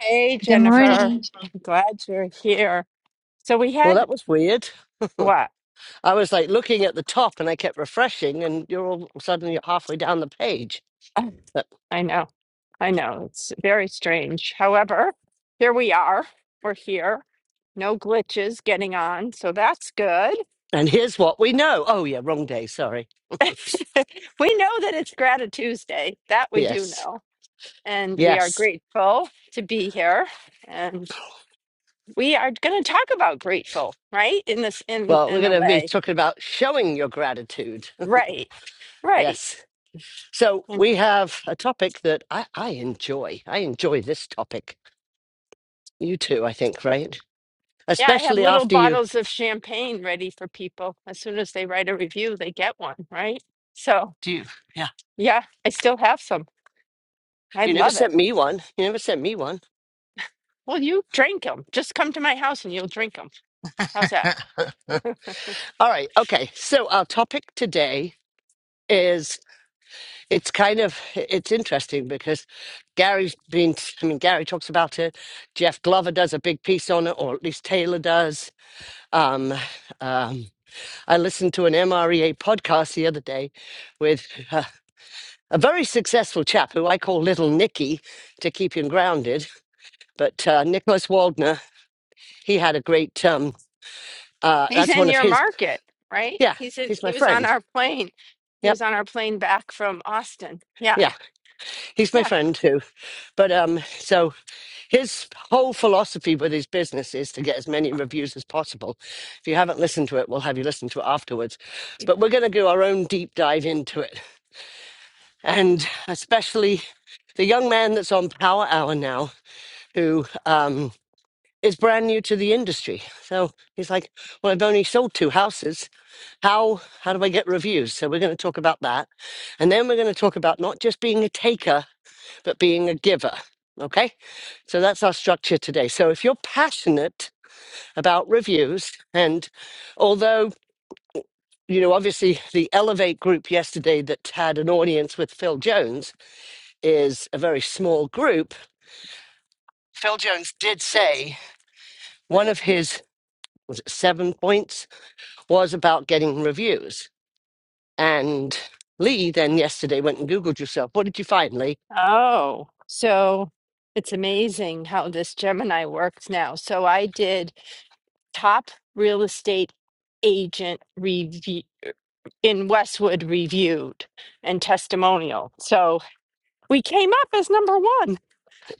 Hey, Good Jennifer. morning. I'm glad you're here. So we Well, had that was weird. what? I was like looking at the top and I kept refreshing, and you're all suddenly halfway down the page. Uh, But, I know. I know. It's very strange. However, here we are. We're here. No glitches getting on. So that's good. and here's what we know. Oh, yeah, wrong day. Sorry. We know that it's Gratitude Tuesday. That we do Yes. know. And we are Yes. grateful to be here. And we are going to talk about grateful, right? In this, in Well, we're in going a to be way, talking about showing your gratitude. right? Right. Yes. So we have a topic that I, I enjoy. I enjoy this topic. You too, I think, right? Yeah, I have Especially little after you. bottles of champagne ready for people. As soon as they write a review, they get one, right? So, Do you? Yeah. yeah, I still have some. I You never love it. sent me one. You never sent me one. Well, you drink them. Just come to my house and you'll drink them. How's that? All right. Okay. So our topic today is it's kind of it's interesting because Gary's been I mean Gary talks about it. Jeff Glover does a big piece on it, or at least Taylor does. Um, um, I listened to an MREA podcast the other day with uh, a very successful chap who I call Little Nicky to keep him grounded. But uh, Nicholas Waldner, he had a great. Um, uh, He's that's in one of your his. market, right? Yeah, He's in, he's my he was on friend. our plane. He Yep. was on our plane back from Austin. Yeah. Yeah, he's my Yeah. friend too. But um, so His whole philosophy with his business is to get as many reviews as possible. If you haven't listened to it, we'll have you listen to it afterwards. But we're going to do our own deep dive into it. And especially the young man that's on Power Hour now, who um, is brand new to the industry. So he's like, Well, I've only sold two houses. How, how do I get reviews? So we're going to talk about that. And then we're going to talk about not just being a taker but being a giver. Okay. So that's our structure today. So if you're passionate about reviews, and although, you know, obviously the Elevate group yesterday that had an audience with Phil Jones is a very small group, Phil Jones did say one of his was it seven points was about getting reviews. And Lee then yesterday went and Googled yourself. What did you find, Lee? Oh, so it's amazing how this Gemini works now. So I did top real estate agent review in Westwood Reviewed and Testimonial. So we came up as number one.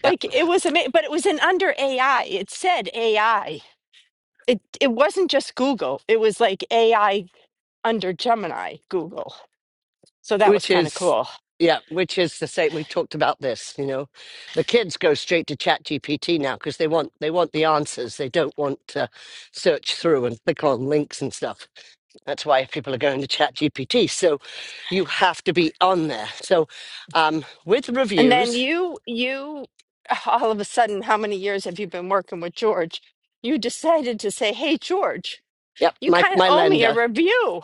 Like it was amazing, but it was in under AI. It said AI. It it wasn't just Google. It was like AI under Gemini Google. So that was which kind of is cool. yeah which is the same we've talked about this you know the kids go straight to chat gpt now because they want they want the answers they don't want to search through and click on links and stuff that's why people are going to chat gpt so you have to be on there so um with And then reviews you you all of a sudden, how many years have you been working with George? You decided to say, "Hey George, yep you my kind of my owe me a lender review."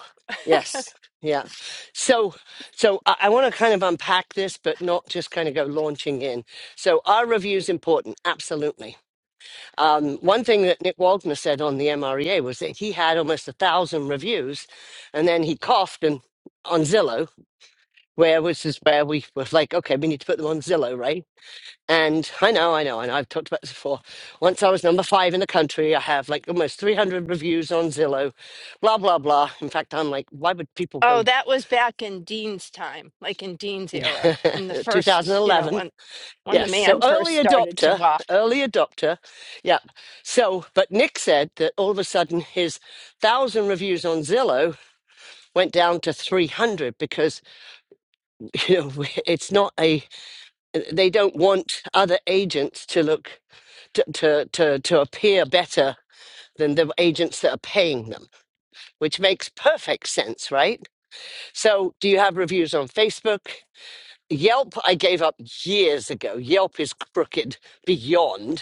yes yeah so so i, I want to kind of unpack this but not just kind of go launching in so are reviews important absolutely Um, one thing that Nick Waldner said on the MREA was that he had almost a thousand reviews, and then he coughed and on Zillow, where which is where we were like, okay, we need to put them on Zillow, right? And I know, I know, I know. I've talked about this before. Once I was number five in the country, I have like almost 300 reviews on Zillow, blah, blah, blah. In fact, I'm like, why would people Oh, go that was back in Dean's time, like in Dean's era, in the first, you know, 2011? when when the Yes, so man first early started to adopter, walk. early adopter. Yeah. So, but Nick said that all of a sudden his thousand reviews on Zillow went down to 300 because, you know, it's not a, they don't want other agents to look, to, to, to, to appear better than the agents that are paying them, which makes perfect sense, right? So, do you have reviews on Facebook? Yelp, I gave up years ago. Yelp is crooked beyond.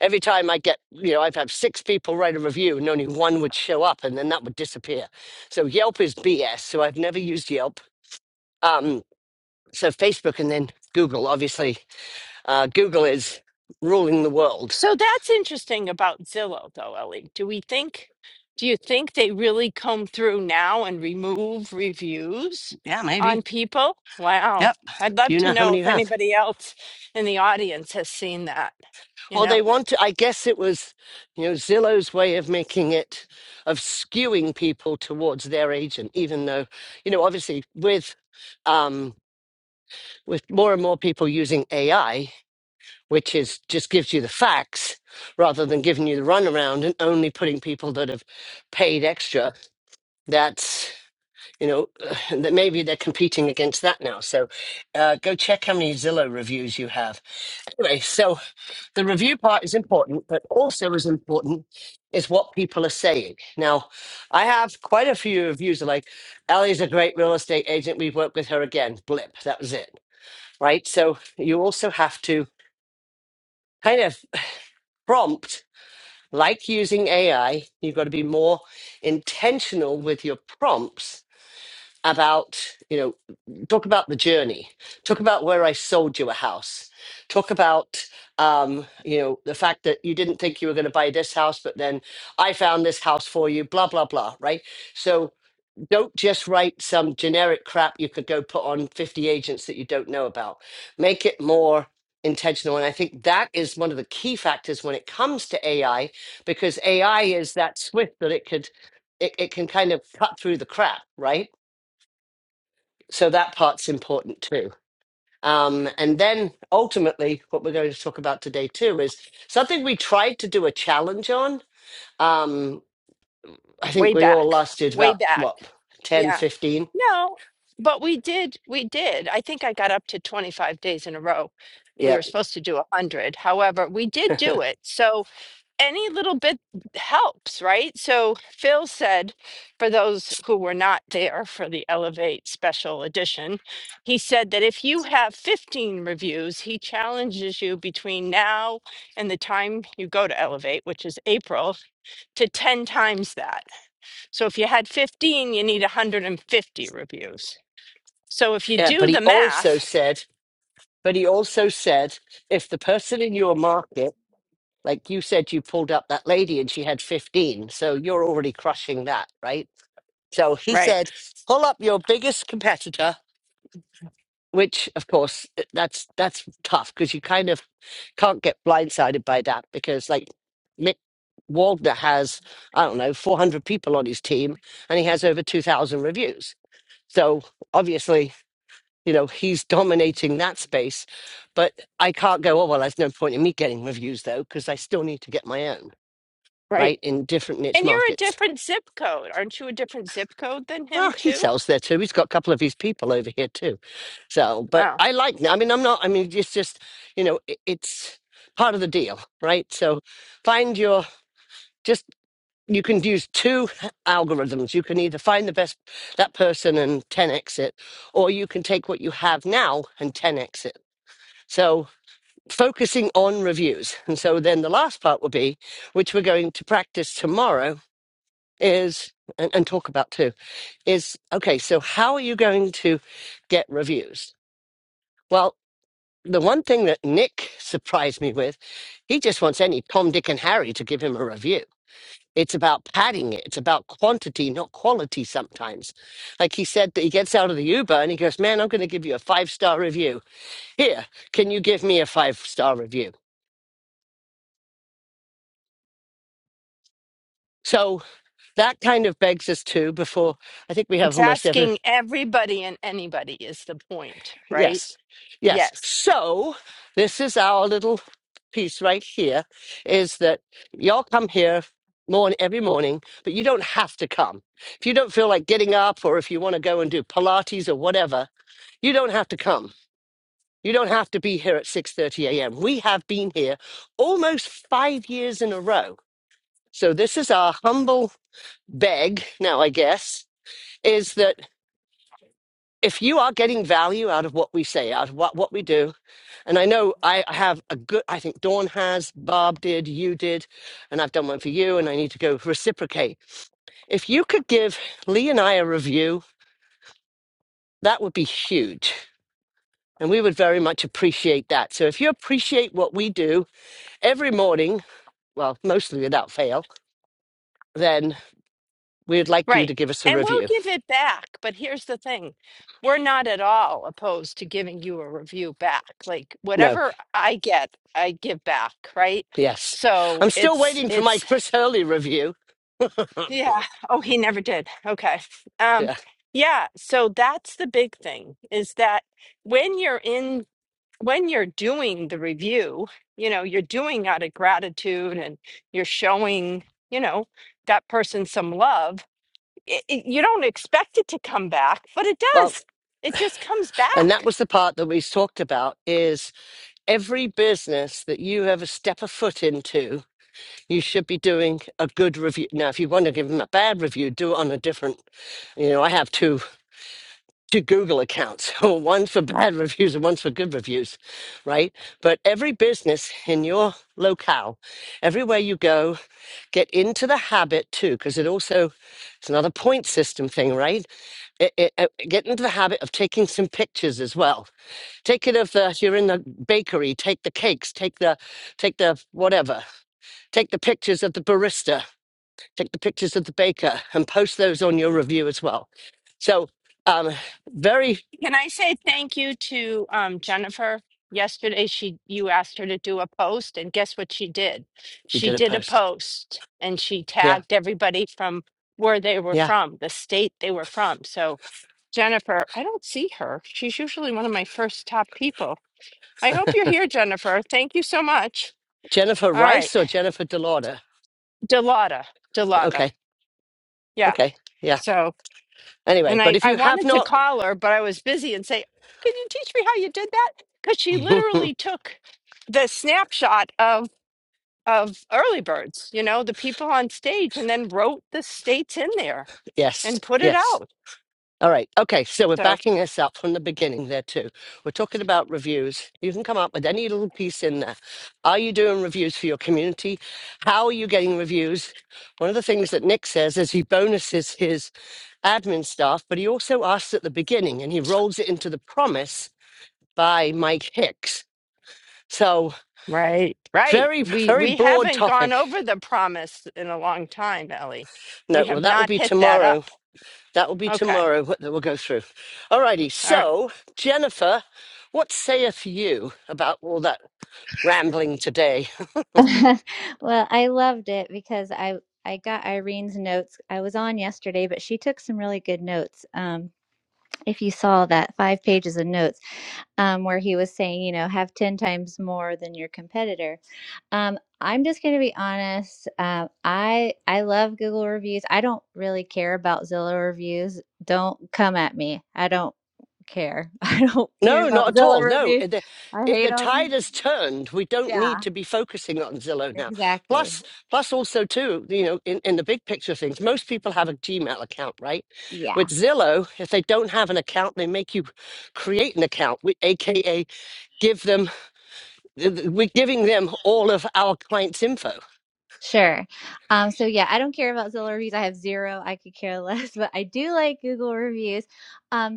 Every time I get, you know, I've had six people write a review and only one would show up and then that would disappear. So Yelp is BS. So I've never used Yelp. Um, so Facebook and then Google, obviously. Uh, Google is ruling the world. So that's interesting about Zillow, though, Ellie. Do we think? Do you think they really come through now and remove reviews Yeah, maybe. on people? Wow, Yep. I'd Do love you to know how know many you if have? anybody else in the audience has seen that. You Well, they know, want to, I guess it was, you know, Zillow's way of making it, of skewing people towards their agent, even though, you know, obviously with, um, with more and more people using AI, which is just gives you the facts rather than giving you the runaround and only putting people that have paid extra. That's you know that maybe they're competing against that now. So uh, go check how many Zillow reviews you have. Anyway, so the review part is important, but also as important is what people are saying. Now, I have quite a few reviews are like, Ellie's a great real estate agent. We've worked with her again. Blip, that was it, right? So you also have to kind of prompt. Like using AI, you've got to be more intentional with your prompts about, you know, talk about the journey, talk about where I sold you a house, talk about, um, you know, the fact that you didn't think you were going to buy this house, but then I found this house for you, blah, blah, blah, right? So, don't just write some generic crap you could go put on 50 agents that you don't know about. Make it more intentional. And I think that is one of the key factors when it comes to AI, because AI is that swift that it could it, it can kind of cut through the crap, right? So that part's important too. Um, and then ultimately, what we're going to talk about today too is something we tried to do a challenge on. Um, I think way we all back, lasted way about back. what ten, Yeah. fifteen. No, but we did, we did. I think I got up to 25 days in a row. 15. We were supposed to do 100. However, we did do it. So any little bit helps, right? So Phil said, for those who were not there for the Elevate special edition, he said that if you have 15 reviews, he challenges you between now and the time you go to Elevate, which is April, to 10 times that. So if you had 15, you need 150 reviews. So if you Yeah, but do the he also math, said, but he also said, if the person in your market, like you said, you pulled up that lady and she had 15, so you're already crushing that, right? So he right, said, pull up your biggest competitor, which of course eh, that's that's tough because you kind of can't get blindsided by that because like Mick Wagner has, I don't know, 400 people on his team and he has over 2,000 reviews. So obviously you know he's dominating that space but i can't go oh well there's no point in me getting reviews though because i still need to get my own right. right in different niche And you're a markets different zip code. Aren't you a different zip code than well him, he too? sells there too he's got a couple of his people over here too so but Oh, i like i mean i'm not i mean it's just you know it, it's part of the deal right so find your just you can use two algorithms you can either find the best that person and 10x it or you can take what you have now and 10x it so focusing on reviews. And so then the last part will be, which we're going to practice tomorrow, is and, and talk about too, is okay, so how are you going to get reviews? Well, the one thing that Nick surprised me with, he just wants any Tom, Dick, and Harry to give him a review. It's about padding it. It's about quantity, not quality sometimes. Like he said that he gets out of the Uber and he goes, Man, I'm going to give you a five star review. Here, can you give me a five star review? So that kind of begs us to before I think we have it's almost every asking everybody and anybody is the point, right? yes, yes. Yes, So this is our little piece right here is that y'all come here morning every morning, but you don't have to come. If you don't feel like getting up or if you want to go and do Pilates or whatever, you don't have to come. You don't have to be here at 6:30 a.m. We have been here almost 5 years in a row. So this is our humble beg now I guess is that if you are getting value out of what we say, out of what, what we do, and I know I have a good, I think Dawn has, Bob did, you did, and I've done one for you, and I need to go reciprocate. If you could give Lee and I a review, that would be huge. And we would very much appreciate that. So if you appreciate what we do every morning, well, mostly without fail, then we'd like you right. to give us a And we'll review. give it back. But here's the thing we're not at all opposed to giving you a review back. Like No, whatever I get, I give back, right? yes. So I'm still it's, waiting for my it's, Chris Hurley review. Yeah. Oh, he never did. Okay. Um, yeah. yeah, so that's the big thing is that when you're in when you're doing the review, you know, you're doing out of gratitude and you're showing, you know, that person some love. It, it, you don't expect it to come back, but it well. does. It just comes And that back. was the part that we talked about is every business that you ever step a foot into, you should be doing a good review. Now, if you want to give them a bad review, do it on a different, you know, I have two two Google accounts, one for bad reviews and one for good reviews, right? But every business in your locale, everywhere you go, get into the habit too, because it also it's another point system thing, right? It, it, it- get into the habit of taking some pictures as well Take it of the you're in the bakery, take the cakes, take the take the whatever. Take the pictures of the barista, take the pictures of the baker and post those on your review as well. So um very Can I say thank you to um, Jennifer? Yesterday, she you asked her to do a post, and guess what she did? you She did a did a post. post, and she Yeah. tagged everybody from where they were Yeah. from, the state they were from. So Jennifer, I don't see her. She's usually one of my first top people. I hope you're here, Jennifer. Thank you so much. Jennifer All right, Rice or Jennifer Delauder? Delata, Delata, Okay. yeah. Okay. Yeah. So. Anyway, And but I, if I you have wanted to not call her, but I was busy and say, Can you teach me how you did that? Because she literally took the snapshot of of early birds, you know, the people on stage and then wrote the states in there yes, and put it yes. out. All right. Okay. So we're So backing us up from the beginning there, too. We're talking about reviews. You can come up with any little piece in there. Are you doing reviews for your community? How are you getting reviews? One of the things that Nick says is he bonuses his admin staff, but he also asks at the beginning and he rolls it into the promise by Mike Hicks. So Right. Right. very, We very we broad haven't gone topic. over the promise in a long time, Ellie. We No, well, have that will not be hit that tomorrow up. That will be Okay. tomorrow what- that we'll go through. All righty. All right. So, Jennifer, what saith you about all that rambling today? well, I loved it because I I got Irene's notes. I was on yesterday, but she took some really good notes. Um, if you saw that five pages of notes um, where he was saying, you know, have 10 times more than your competitor. Um, I'm just going to be honest. Um, I I love Google reviews. I don't really care about Zillow reviews. Don't come at me. I don't care. I don't care No, not about at Zillow all. No, reviews. it- the, I it, hate the tide them. has turned. We don't need Yeah, to be focusing on Zillow now. exactly. Plus, plus also too, you know, in, in the big picture of things, most people have a Gmail account, right? Yeah, With Zillow, if they don't have an account, they make you create an account, we, aka give them. th- th- We're giving them all of our clients' info. sure. Um, so yeah, I don't care about Zillow reviews. I have zero. I could care less, but I do like Google reviews. Um,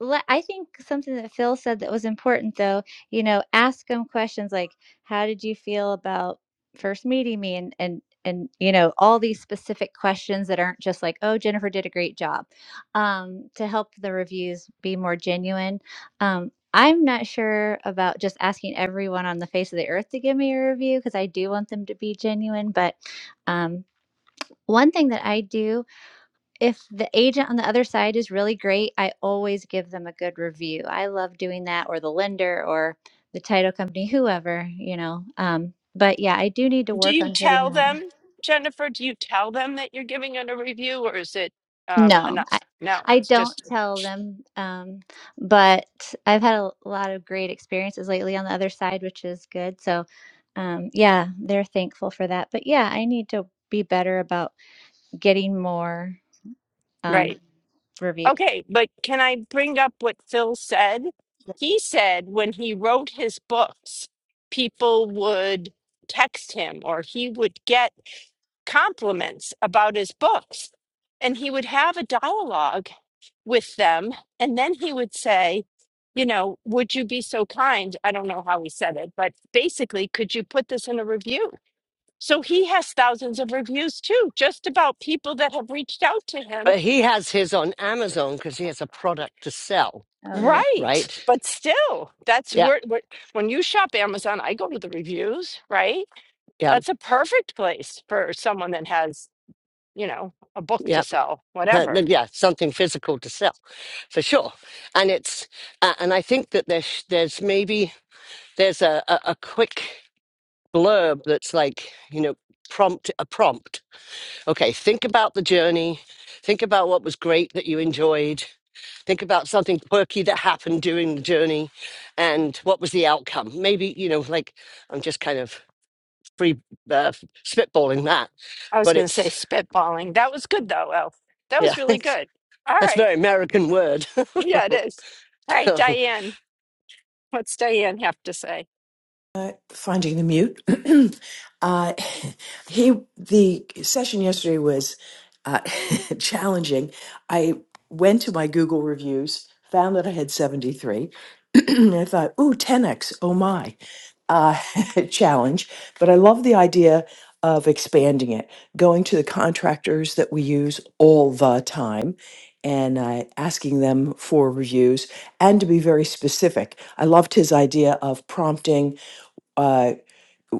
le- I think something that Phil said that was important, though, you know, ask them questions like, "How did you feel about first meeting me?" and and and you know, all these specific questions that aren't just like, "Oh, Jennifer did a great job," um, to help the reviews be more genuine. Um, I'm not sure about just asking everyone on the face of the earth to give me a review because I do want them to be genuine. But um, one thing that I do if the agent on the other side is really great, I always give them a good review. I love doing that, or the lender, or the title company, whoever, you know. Um, but yeah, I do need to Do work you on getting tell more. them, Jennifer, do you tell them that you're giving it a review or is it um No, enough? I, No, I it's don't just tell them. Um, but I've had a lot of great experiences lately on the other side, which is good. So um, yeah, they're thankful for that. But yeah, I need to be better about getting more um, Right. reviews. Okay, but can I bring up what Phil said? He said when he wrote his books, people would text him or he would get compliments about his books. And he would have a dialogue with them. And then he would say, You know, would you be so kind? I don't know how he said it, but basically, could you put this in a review? So he has thousands of reviews too, just about people that have reached out to him But he has his on Amazon because he has a product to sell, Oh yeah. Right. right? But still, that's Yeah, where, where when you shop Amazon, I go to the reviews, right? yeah, That's a perfect place for someone that has, you know, a book to yeah, sell, Uh, whatever. th- yeah. Something physical to sell, for sure. And it's uh, and I think that there's there's maybe there's a, a a quick blurb that's like you know prompt a prompt. Okay, think about the journey. Think about what was great that you enjoyed. Think about something quirky that happened during the journey, and what was the outcome. Maybe you know like I'm just kind of free uh, spitballing that, I was but going to say it's spitballing. That was good though, Elf. That yeah, I was really good. All that's a right. very American word. Yeah, it is. All right, oh, Diane. What's Diane have to say? uh, finding the mute. uh, he the session yesterday was uh, challenging. I went to my Google reviews, found that I had seventy three. I thought, ooh, 10x, oh my, uh, challenge. But I love the idea of expanding it, going to the contractors that we use all the time and uh, asking them for reviews and to be very specific. I loved his idea of prompting uh,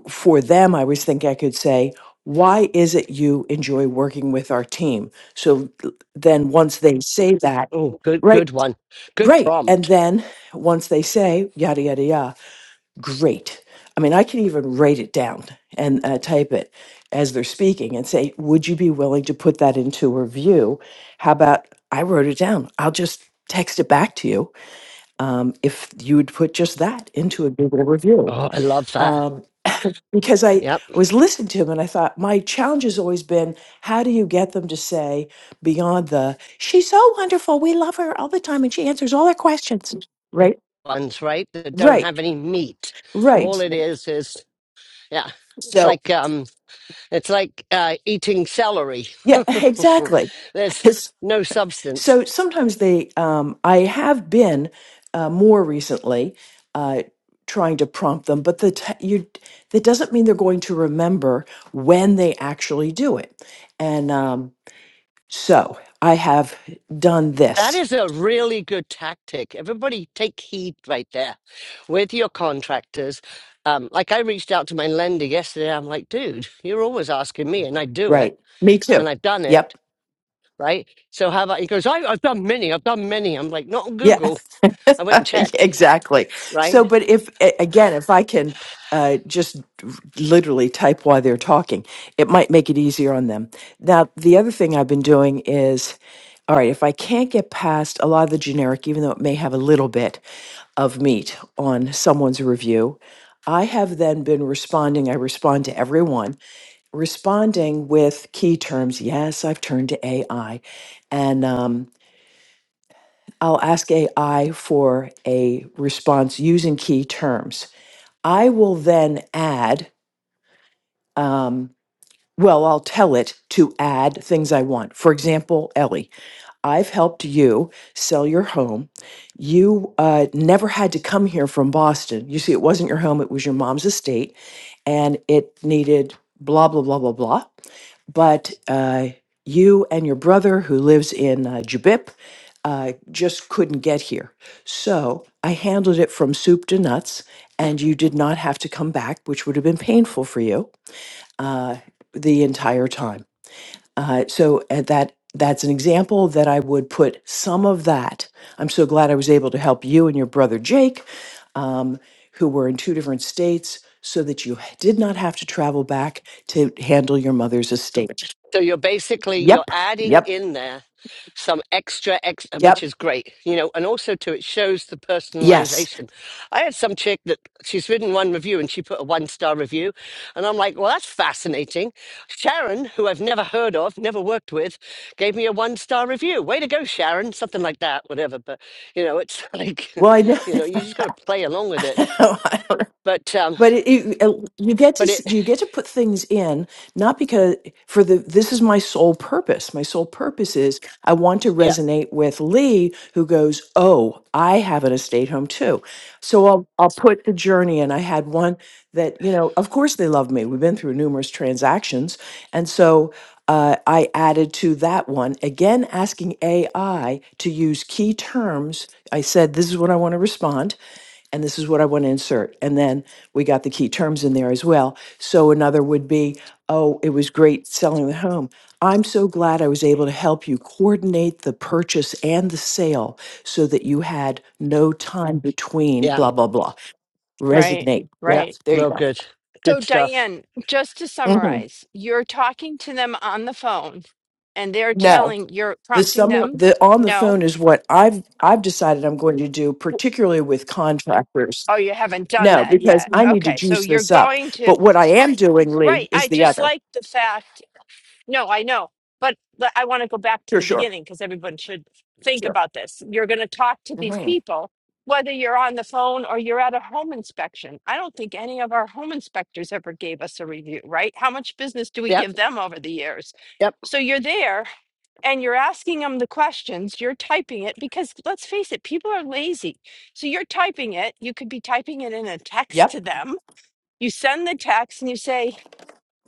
for them, I was think I could say, why is it you enjoy working with our team? So th- then once they say that, good, right, good one, good right. And prompt. then once they say yada, yada, yada, great. I mean, I can even write it down and uh, type it as they're speaking and say, would you be willing to put that into a review? How about I wrote it down? I'll just text it back to you um, if you would put just that into a Google review. Oh, I love that. Um, because I, I Yep, was listening to him and I thought my challenge has always been how do you get them to say beyond the she's so wonderful we love her all the time and she answers all our questions right ones right that don't right have any meat. right All it is is yeah, it's so like um It's like uh, eating celery. yeah exactly There's It's- no substance. so sometimes they um, I have been uh, more recently uh, trying to prompt them but the t- you that doesn't mean they're going to remember when they actually do it and um So I have done That this. is a really good tactic. Everybody take heed right there with your contractors. Um, like I reached out to my lender yesterday. I'm like, dude, you're always asking me, and I do it, Right. Me and too. I've done it. Yep. right? So how about he goes, I, I've done many, I've done many. I'm like, not on Yeah. Google. I went and Yeah, checked, exactly. So, right? but if a- again, if I can uh, just literally type while they're talking, it might make it easier on them. Now, the other thing I've been doing is, all right, if I can't get past a lot of the generic, even though it may have a little bit of meat on someone's review, I have then been responding. I respond to everyone responding with key terms. Yes, I've turned to AI, and um, I'll ask AI for a response using key terms. I will then add um, well, I'll tell it to add things I want. For example, Ellie, I've helped you sell your home. You uh, never had to come here from Boston. You see, it wasn't your home, it was your mom's estate, and it needed blah, blah, blah, blah, blah. But uh, you and your brother, who lives in uh, Jabip, uh, just couldn't get here. So I handled it from soup to nuts, and you did not have to come back, which would have been painful for you uh, the entire time. Uh, so at that that's an example that I would put some of that. I'm so glad I was able to help you and your brother Jake, um, who were in two different states, so that you did not have to travel back to handle your mother's estate. So you're basically you're Yep, adding yep, in there some extra ex, which yep. is great, you know, and also too it shows the Yes. personalization. I had some chick that she's written one review and she put a one star review, and I'm like, well, that's fascinating. Sharon, who I've never heard of, never worked with, gave me a one star review. Way to go, Sharon, something like that, whatever. But you know, it's like, Well, I you know, you just got to play along with it know. But um, But it, it, uh, you get to but it, s- you get to put things in not because for the this is my sole purpose. My sole purpose is I want to yeah, resonate with Lee, who goes, "Oh, I have an estate home too." So I'll I'll put the journey in. I had one that you know, of course they love me. We've been through numerous transactions, and so uh, I added to that one again, asking AI to use key terms. I said, "This is what I want to respond." and this is what I want to insert. And then we got the key terms in there as well. So another would be, oh, it was great selling the home. I'm so glad I was able to help you coordinate the purchase and the sale so that you had no time between yeah, blah blah blah. Right. Resonate. yeah, Right. Yes, there you real go. good, So good stuff. Diane, just to Mhm. summarize, you're talking to them on the phone and they're No. telling you're The prompting summer them, the on the no, phone is what I've I've decided I'm going to do, particularly with contractors. Oh, you haven't done No, that because yet. I need to Okay. So juice you're this up. going to, But what I am doing, right. Lee, is I the just other. like the fact, no, I know, but but I want to go back to Sure, the sure, beginning because everyone should think sure. about this. You're going to talk to these hmm people, whether you're on the phone or you're at a home inspection. I don't think any of our home inspectors ever gave us a review, right? How much business do we Yep, give them over the years? yep, So you're there and you're asking them the questions, you're typing it because let's face it, people are lazy. So you're typing it. You could be typing it in a text to Yep, them. You send the text and you say,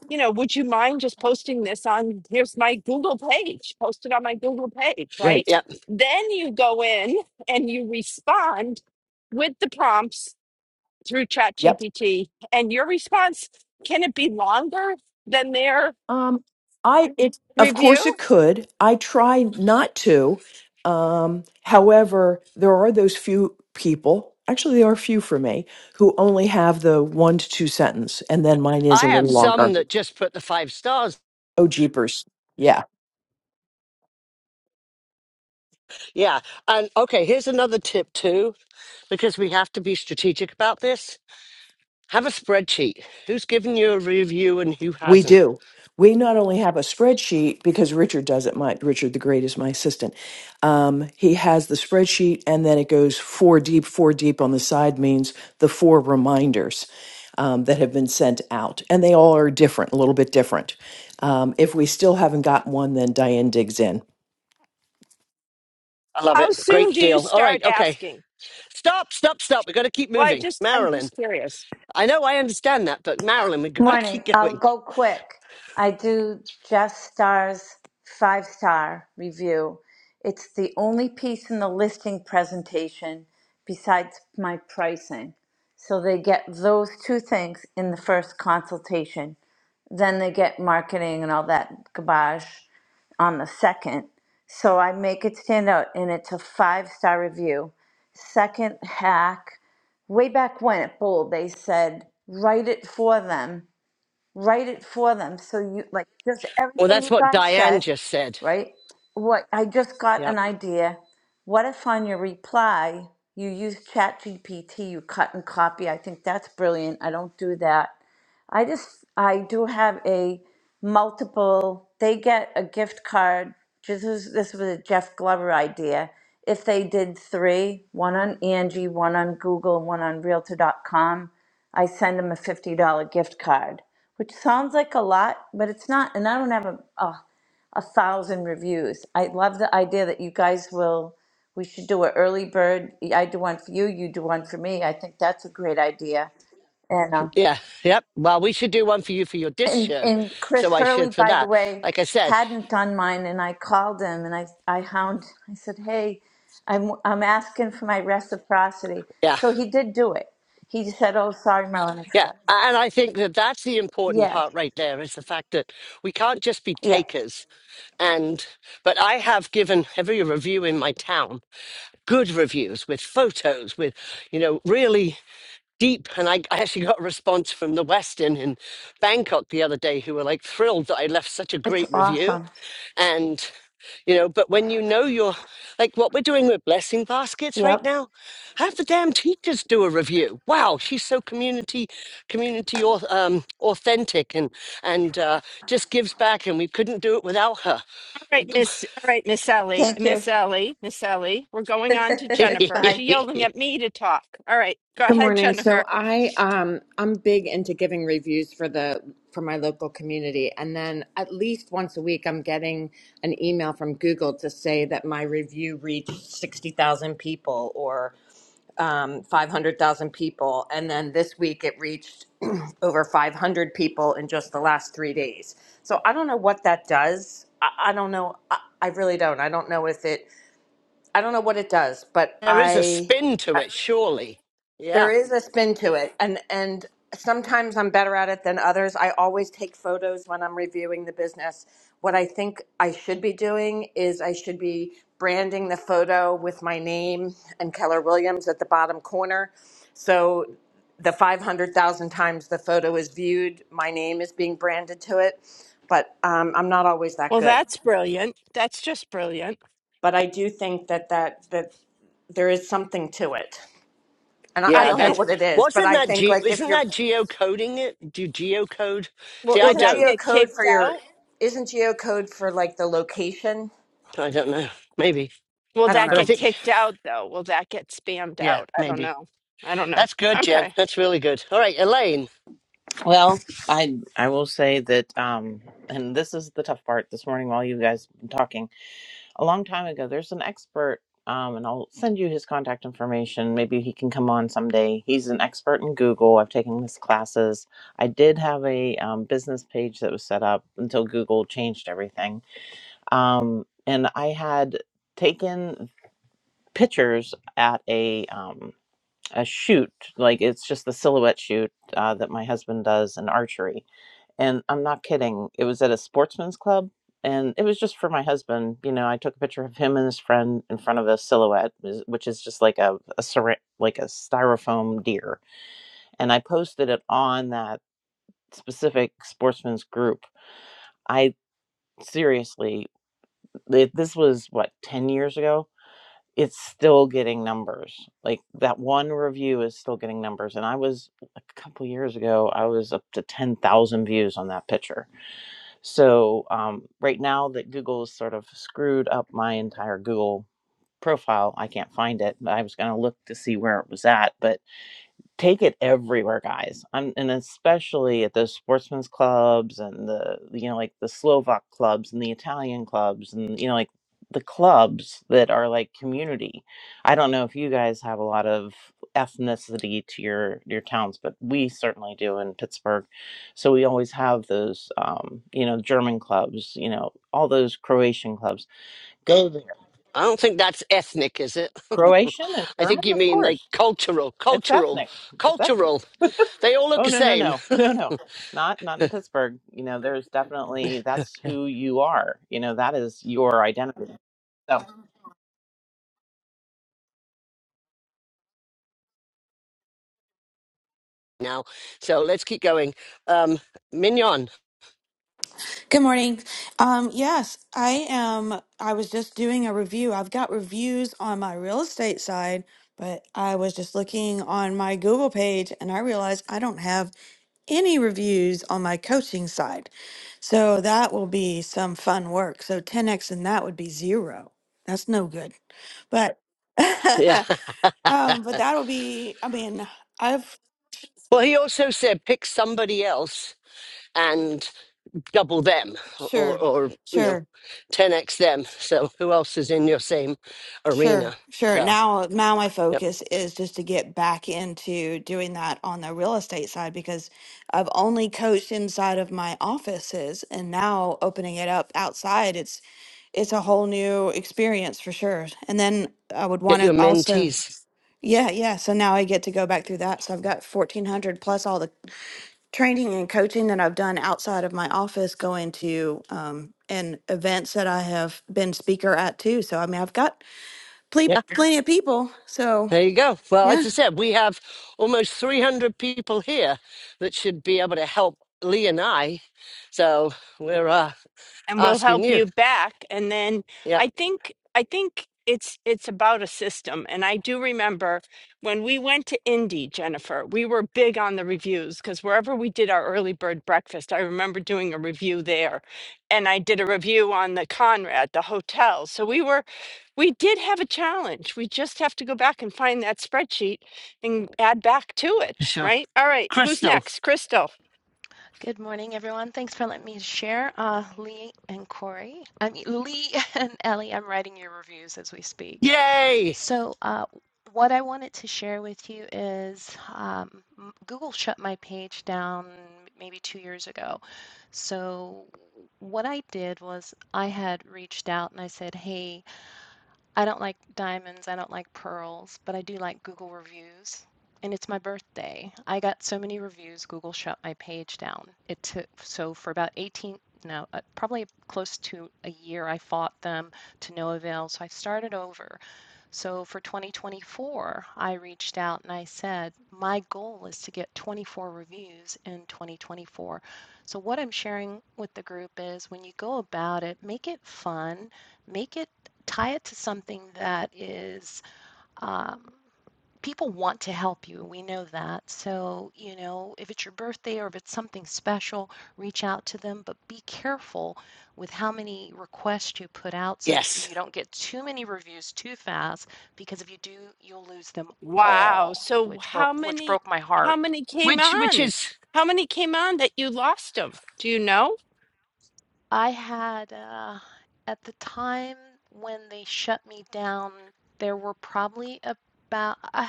you know, would you mind just posting this on here's my Google page, post it on my Google page, Right. right? yep. Then you go in and you respond with the prompts through yep. ChatGPT. And your response, can it be longer than their Um, I it of course review? it could. I try not to. Um, however, there are those few people. Actually, there are few for me who only have the one to two sentence, and then mine is I a have little some longer. that just put the five stars. Oh, jeepers! Yeah. Yeah, and okay, here's another tip too, because we have to be strategic about this. Have a spreadsheet. Who's given you a review and who We hasn't? do. We not only have a spreadsheet because Richard does it. My Richard the Great is my assistant. Um, he has the spreadsheet, and then it goes four deep. Four deep on the side means the four reminders um, that have been sent out, and they all are different, a little bit different. Um, if we still haven't got one, then Diane digs in. I love How it. soon Great do you deal. All right. start Okay. asking? Stop, stop, stop. We've got to keep Well, I moving. just, I'm Marilyn. just curious. I know I understand that, but Marilyn, we've got to Morning. keep I'll going. go quick. I do Jeff Star's five star review. It's the only piece in the listing presentation besides my pricing. So they get those two things in the first consultation. Then they get marketing and all that garbage on the second. So I make it stand out and it's a five star review second hack way back when at Bold, they said write it for them write it for them. So you like just Well, everything that's you what guys Diane said, just said. right? What I just got yeah. an idea. What if on your reply you use ChatGPT, you cut and copy? I think that's brilliant. I don't do that. I just I do have a multiple. They get a gift card. This was this was a Jeff Glover idea. If they did three, one on Angie, one on Google, one on Realtor.com, I send them a fifty dollar gift card, which sounds like a lot, but it's not. And I don't have a, a a thousand reviews. I love the idea that you guys will. We should do an early bird. I do one for you. You do one for me. I think that's a great idea. And. uh, Yeah, yep. Well, we should do one for you for your disc and show. and So Chris I Hurley, should for by the that. way, Like I said, hadn't done mine, and I called him and I I hound. I said, "Hey, I'm I'm asking for my reciprocity." yeah, So he did do it. He just said, "Oh, sorry, Marilyn, I yeah. forgot." A- And I think that that's the important Yeah, part right there is the fact that we can't just be yeah, takers. And, but I have given every review in my town good reviews with photos, with, you know, really deep. And I, I actually got a response from the Westin in Bangkok the other day who were like thrilled that I left such a it's great review. awesome. you know but when you know you're like what we're doing with blessing baskets right Yep, now have the damn teachers do a review wow she's so community community auth- um, authentic and and uh, just gives back and we couldn't do it without her All right, Miss, all right, Miss Ellie, thank you. Miss Ellie, Miss Ellie, we're going on to Jennifer. Bye. She's yelling at me to talk. All right, go Good ahead, morning. So Jennifer. I um I'm big into giving reviews for the for my local community and then at least once a week I'm getting an email from Google to say that my review reached 60,000 people or um 500,000 people and then this week it reached over 500 people in just the last 3 days. So I don't know what that does. I, I don't know I, I really don't. I don't know if it I don't know what it does, but there is a I spin to it surely there yeah is a spin to it, and and sometimes I'm better at it than others. I always take photos when I'm reviewing the business. What I think I should be doing is I should be branding the photo with my name and Keller Williams at the bottom corner. So the 500,000 times the photo is viewed, my name is being branded to it, but um, I'm not always that Well, good. that's brilliant. That's just brilliant. But I do think that that that there is something to it. And I, I yeah I, don't know I, that's what it is, but wasn't I that think ge- like if isn't you're that geocoding it do you geocode Well, see i will isn't that don't get geocode kicked for your out? isn't geocode for like the location? i don't know maybe Will I don't that but i know. get think kicked out though? Will that get spammed yeah out? I don't maybe know. I don't know. that's good jen Okay. that's really good all right elaine Well, I I will say that um and this is the tough part this morning while you guys been talking. A long time ago there's an expert um and I'll send you his contact information. Maybe he can come on someday. He's an expert in Google. I've taken his classes. I did have a um, business page that was set up until Google changed everything. Um and I had taken pictures at a um a shoot like it's just the silhouette shoot uh, that my husband does in archery and I'm not kidding. It was at a sportsman's club, and it was just for my husband. You know, I took a picture of him and his friend in front of a silhouette, is- which is just like a a syra- like a styrofoam deer, and I posted it on that specific sportsman's group. I seriously, th- this was what ten years ago. It's still getting numbers. Like that one review is still getting numbers, and I was a couple years ago. I was up to ten thousand views on that picture So um, right now that Google's sort of screwed up my entire Google profile, I can't find it. I was going to look to see where it was at, but take it everywhere guys i'm and especially at those sportsmen's clubs and the you know like the slovak clubs and the italian clubs and you know like the clubs that are like community i don't know if you guys have a lot of ethnicity to your your towns but we certainly do in pittsburgh so we always have those um you know german clubs you know all those croatian clubs go there I don't think that's ethnic, is it? croatian and I think german you of mean like course cultural, It's cultural, ethnic. It's ethnic. cultural. They all look Oh the no, no, same no, no, no, not not in Pittsburgh. You know, there's definitely that's who you are. You know, that is your identity. So, now. So let's keep going. Um, Mignon. Good morning. Um, yes, I am. I was just doing a review. I've got reviews on my real estate side, but I was just looking on my Google page and I realized I don't have any reviews on my coaching side. So that will be some fun work. So 10x and that would be zero. That's no good. But Yeah. um, but that'll be, I mean, I've Well, he also said pick somebody else and double them or, sure, or, you know, sure. 10x them. So who else is in your same Sure, arena? sure. So, Now, now my yep. focus is just to get back into doing that on the real estate side because I've only coached inside of my offices, and now opening it up outside, it's it's a whole new experience for sure. And then I would Get want your to also, mentees. yeah, yeah. So now I get to go back through that. So I've got 1400 plus all the training and coaching that I've done outside of my office going to um and events that I have been speaker at too. So I mean, I've got Ple- yeah. plenty of people. So There you go. Well, yeah. as I said, we have almost 300 people here that should be able to help Lee and I. So we're uh, and we'll asking help you. you back and then Yep, i think i think it's it's about a system and i do remember when we went to indy jennifer we were big on the reviews because wherever we did our early bird breakfast i remember doing a review there and i did a review on the conrad the hotel so we were we did have a challenge we just have to go back and find that spreadsheet and add back to it sure. right all right who's Crystal. next crystal Good morning, everyone. Thanks for letting me share. Uh, Lee and Corey, I mean, Lee and Ellie, I'm writing your reviews as we speak. Yay! So, uh, what I wanted to share with you is um, Google shut my page down maybe two years ago. So, what I did was I had reached out and I said, Hey, I don't like diamonds, I don't like pearls, but I do like Google reviews. And it's my birthday. I got so many reviews, Google shut my page down. It took, so for about 18, no, uh, probably close to a year, I fought them to no avail. So I started over. So for 2024, I reached out and I said, my goal is to get 24 reviews in 2024. So what I'm sharing with the group is when you go about it, make it fun, make it tie it to something that is um, people want to help you. We know that. So, you know, if it's your birthday or if it's something special, reach out to them, but be careful with how many requests you put out so that Yes. you don't get too many reviews too fast because if you do, you'll lose them Wow. all, So which broke how which many broke my how heart many came Which, which on? is, How many came on that you lost them? Do you know? I had, uh, at the time when they shut me down, there were probably about, uh,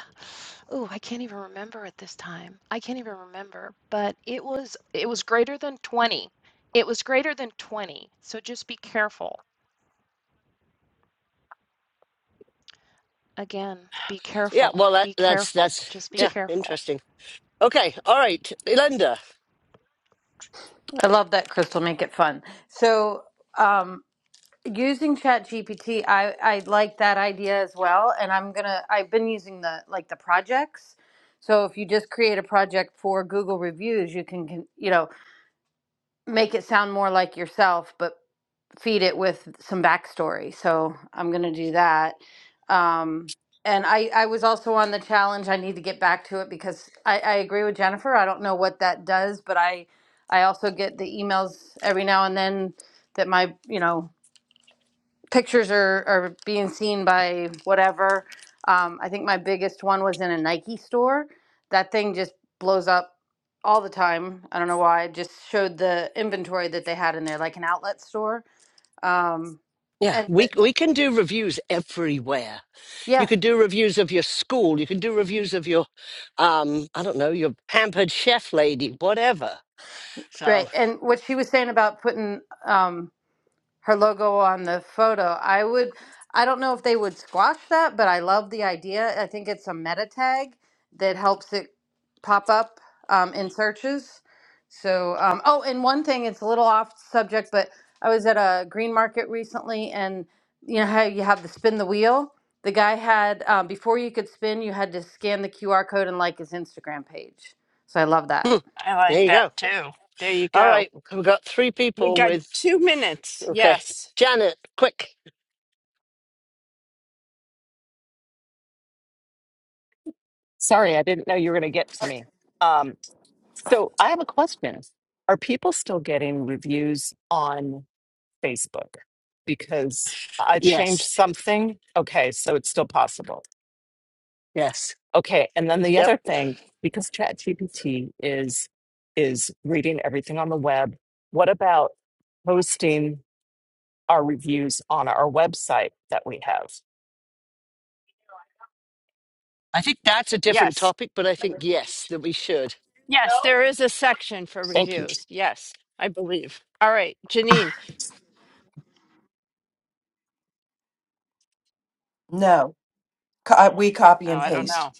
oh, I can't even remember at this time. I can't even remember, but it was it was greater than 20. It was greater than 20. So just be careful. Again, be yeah, careful. well, that, Be that's, careful. that's, Just be Do, yeah, careful. interesting. Okay, all right, Linda. I love that, Crystal. Make it fun. So, um, using ChatGPT, I I like that idea as well. And I'm gonna I've been using the like the projects. So if you just create a project for Google reviews, you can, can you know make it sound more like yourself, but feed it with some backstory. So I'm gonna do that. Um, and I, I was also on the challenge. I need to get back to it because I, I agree with Jennifer. I don't know what that does, but I I also get the emails every now and then that my you know pictures are are being seen by whatever. Um, I think my biggest one was in a Nike store. That thing just blows up all the time. I don't know why. It just showed the inventory that they had in there, like an outlet store um, Yeah, and we, th- we th- can do reviews everywhere you yeah, can do reviews of your school you can do reviews of your um i don't know your pampered chef lady whatever So. great. And what she was saying about putting um, her logo on the photo. I would, I don't know if they would squash that, but I love the idea. I think it's a meta tag that helps it pop up um, in searches. So, um, oh, and one thing, it's a little off subject, but I was at a green market recently, and you know how you have to spin the wheel? The guy had, uh, before you could spin, you had to scan the QR code and like his Instagram page. So I love that. Hmm, I There like you that go. too. There you All go. right, we've got three We people got with. two minutes. Okay, Yes. Janet, quick. Sorry, I didn't know you were going to get to me. Um, so I have a question. Are people still getting reviews on Facebook? Because I changed Yes, something. Okay, so it's still possible. yes, Okay, and then the yep. other thing, because ChatGPT is is reading everything on the web, what about posting our reviews on our website that we have? I think that's a different Yes. topic, but I think yes that we should. No. Yes, there is a section for Thank you. reviews. Yes, I believe. All right, Janine. No, co- we copy No, and I don't know. paste.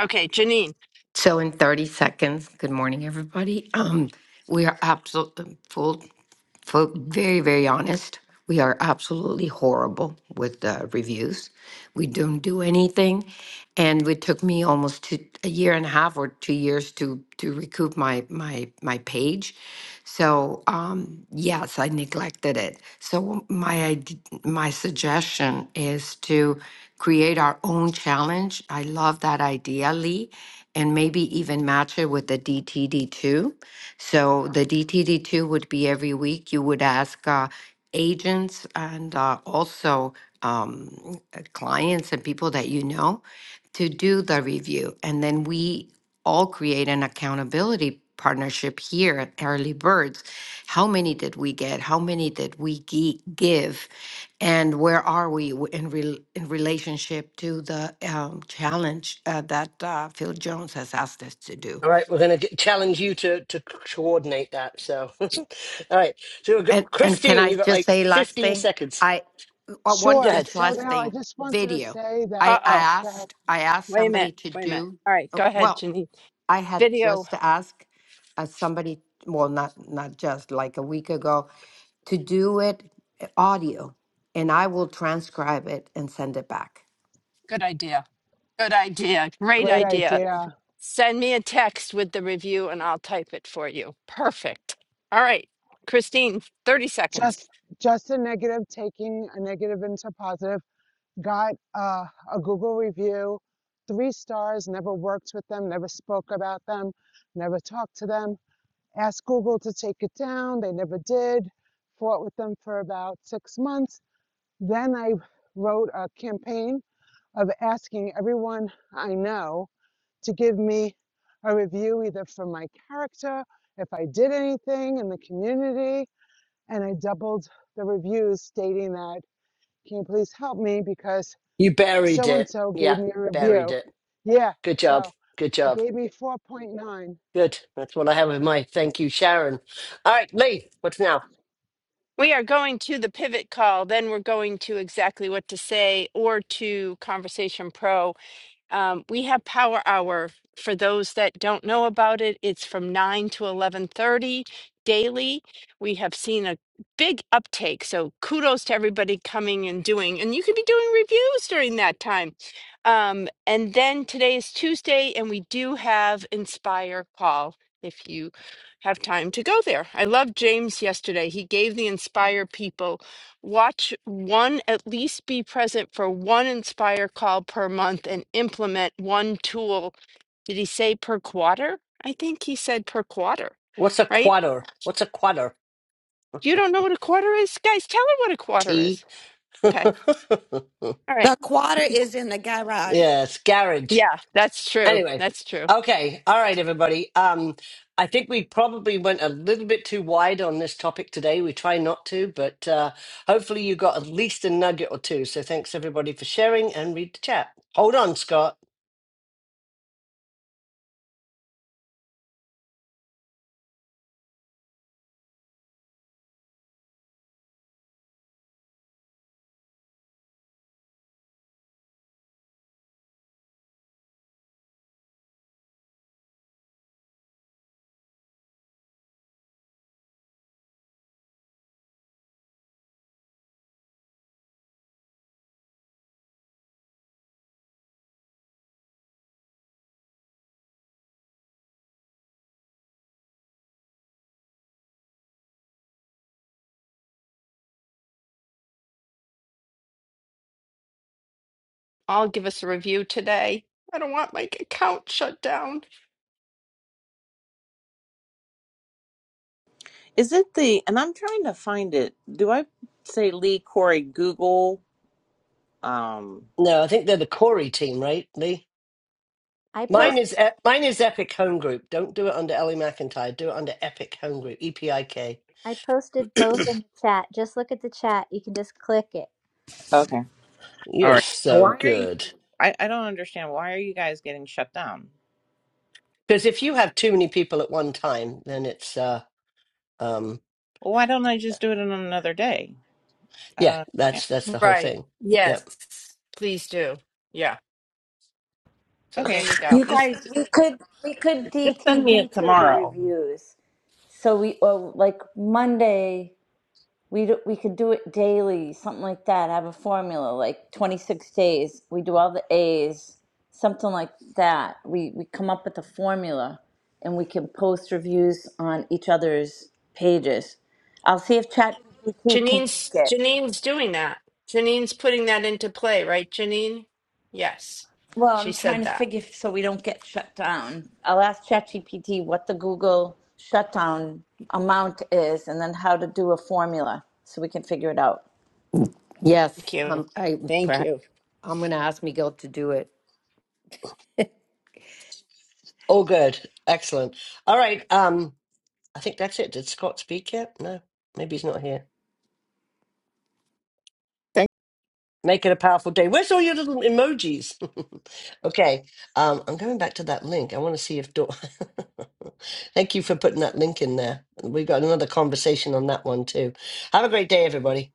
Okay, Janine. So in 30 seconds, good morning, everybody. Um, we are absolutely full for very, very honest, we are absolutely horrible with uh, reviews. We don't do anything, and it took me almost two, a year and a half or two years to to recoup my my my page. So um, yes, I neglected it. So my id- my suggestion is to create our own challenge. I love that idea, Lee, and maybe even match it with the DTD two so the DTD2 would be every week. You would ask uh, agents and uh, also um, uh, clients and people that you know to do the review. And then we all create an accountability partnership here at Early Birds. How many did we get? How many did we gi- give? And where are we w- in, rel in relationship to the um, challenge uh, that uh, Phil Jones has asked us to do? All right, we're going to challenge you to to coordinate that. So, all right. So, we've got, And and can Christine, I you have got just like say last fifteen thing? seconds. I I want Go Sure. ahead. just So last now I thing. just wanted to Video. say that, I I Uh-oh. oh, go ahead. asked I asked Wait a minute. somebody to Wait a minute. do. All right, uh, go ahead, Well, Janine. I had Video. just asked uh, somebody. Well, not not just like a week ago to do it uh, audio, and I will transcribe it and send it back. Good idea. Good idea. Great Great idea. idea. Send me a text with the review and I'll type it for you. Perfect. All right, Christine, 30 seconds. Just just a negative, taking a negative into positive. Got uh, a Google review, three stars, never worked with them, never spoke about them, never talked to them. Asked Google to take it down. They never did. Fought with them for about six months. Then I wrote a campaign of asking everyone I know to give me a review either for my character, if I did anything in the community. And I doubled the reviews stating that, can you please help me because You buried so and it. so Yeah, gave me a buried review. it. Yeah, Good job. so Good job. gave me 4.9. Good. That's what I have with my thank you, Sharon. All right, Lee. What's now? We are going to the pivot call, then we're going to exactly what to say or to Conversation Pro um, we have power hour for those that don't know about it it's from 9 to 11.30 daily we have seen a big uptake so kudos to everybody coming and doing and you could be doing reviews during that time um, and then today is tuesday and we do have inspire call if you have time to go there i love james yesterday he gave the inspire people Watch one, at least be present for one Inspire call per month and implement one tool. Did he say per quarter? I think he said per quarter, What's a right? quadr? What's a quadr? You don't know what a quarter is? Guys, tell her what a quarter T. is. Okay. All right. The quarter is in the garage. yes, garage. Yeah, that's true. Anyway, That's true. okay, all right, everybody. Um, I think we probably went a little bit too wide on this topic today. We try not to, but uh, hopefully you got at least a nugget or two. So thanks everybody for sharing and read the chat. Hold on, Scott. I'll give us a review today. I don't want my account shut down. is it the? And I'm trying to find it. Do I say Lee Corey Google? Um, No, I think they're the Corey team, right, Lee? I or post Mine is E- mine is Epic Home Group. Don't do it under Ellie McIntyre. Do it under Epic Home Group. E P I K. I posted both in the chat. Just look at the chat. You can just click it. okay, all You're right. Why so are you? good. I I don't understand. Why are you guys getting shut down? Because if you have too many people at one time, then it's uh, Um, Well, why don't I just do it on another day? I don't yeah, understand. that's that's the whole Right. thing. Yes. Yep. Please do. Yeah. So there Okay, you go. You just guys, we just could we could send me it DTD to the tomorrow. reviews. So we oh, like Monday. We do, we could do it daily, something like that. Have a formula like 26 days. We do all the A's, something like that. We we come up with a formula, and we can post reviews on each other's pages. I'll see if ChatGPT can Janine's make it. Janine's doing that. Janine's putting that into play, right, Janine? Yes. Well, She I'm trying said to that. figure so we don't get shut down. I'll ask ChatGPT what the Google shutdown amount is, and then how to do a formula so we can figure it out. Thank Yes, you. um, I. Thank pra- you. I'm going to ask Miguel to do it. All good. Excellent. All right. Um, I think that's it. Did Scott speak yet? No, maybe he's not here. Make it a powerful day. Where's all your little emojis? okay. Um, I'm going back to that link. I want to see if Dor. Thank you for putting that link in there. We've got another conversation on that one too. Have a great day, everybody.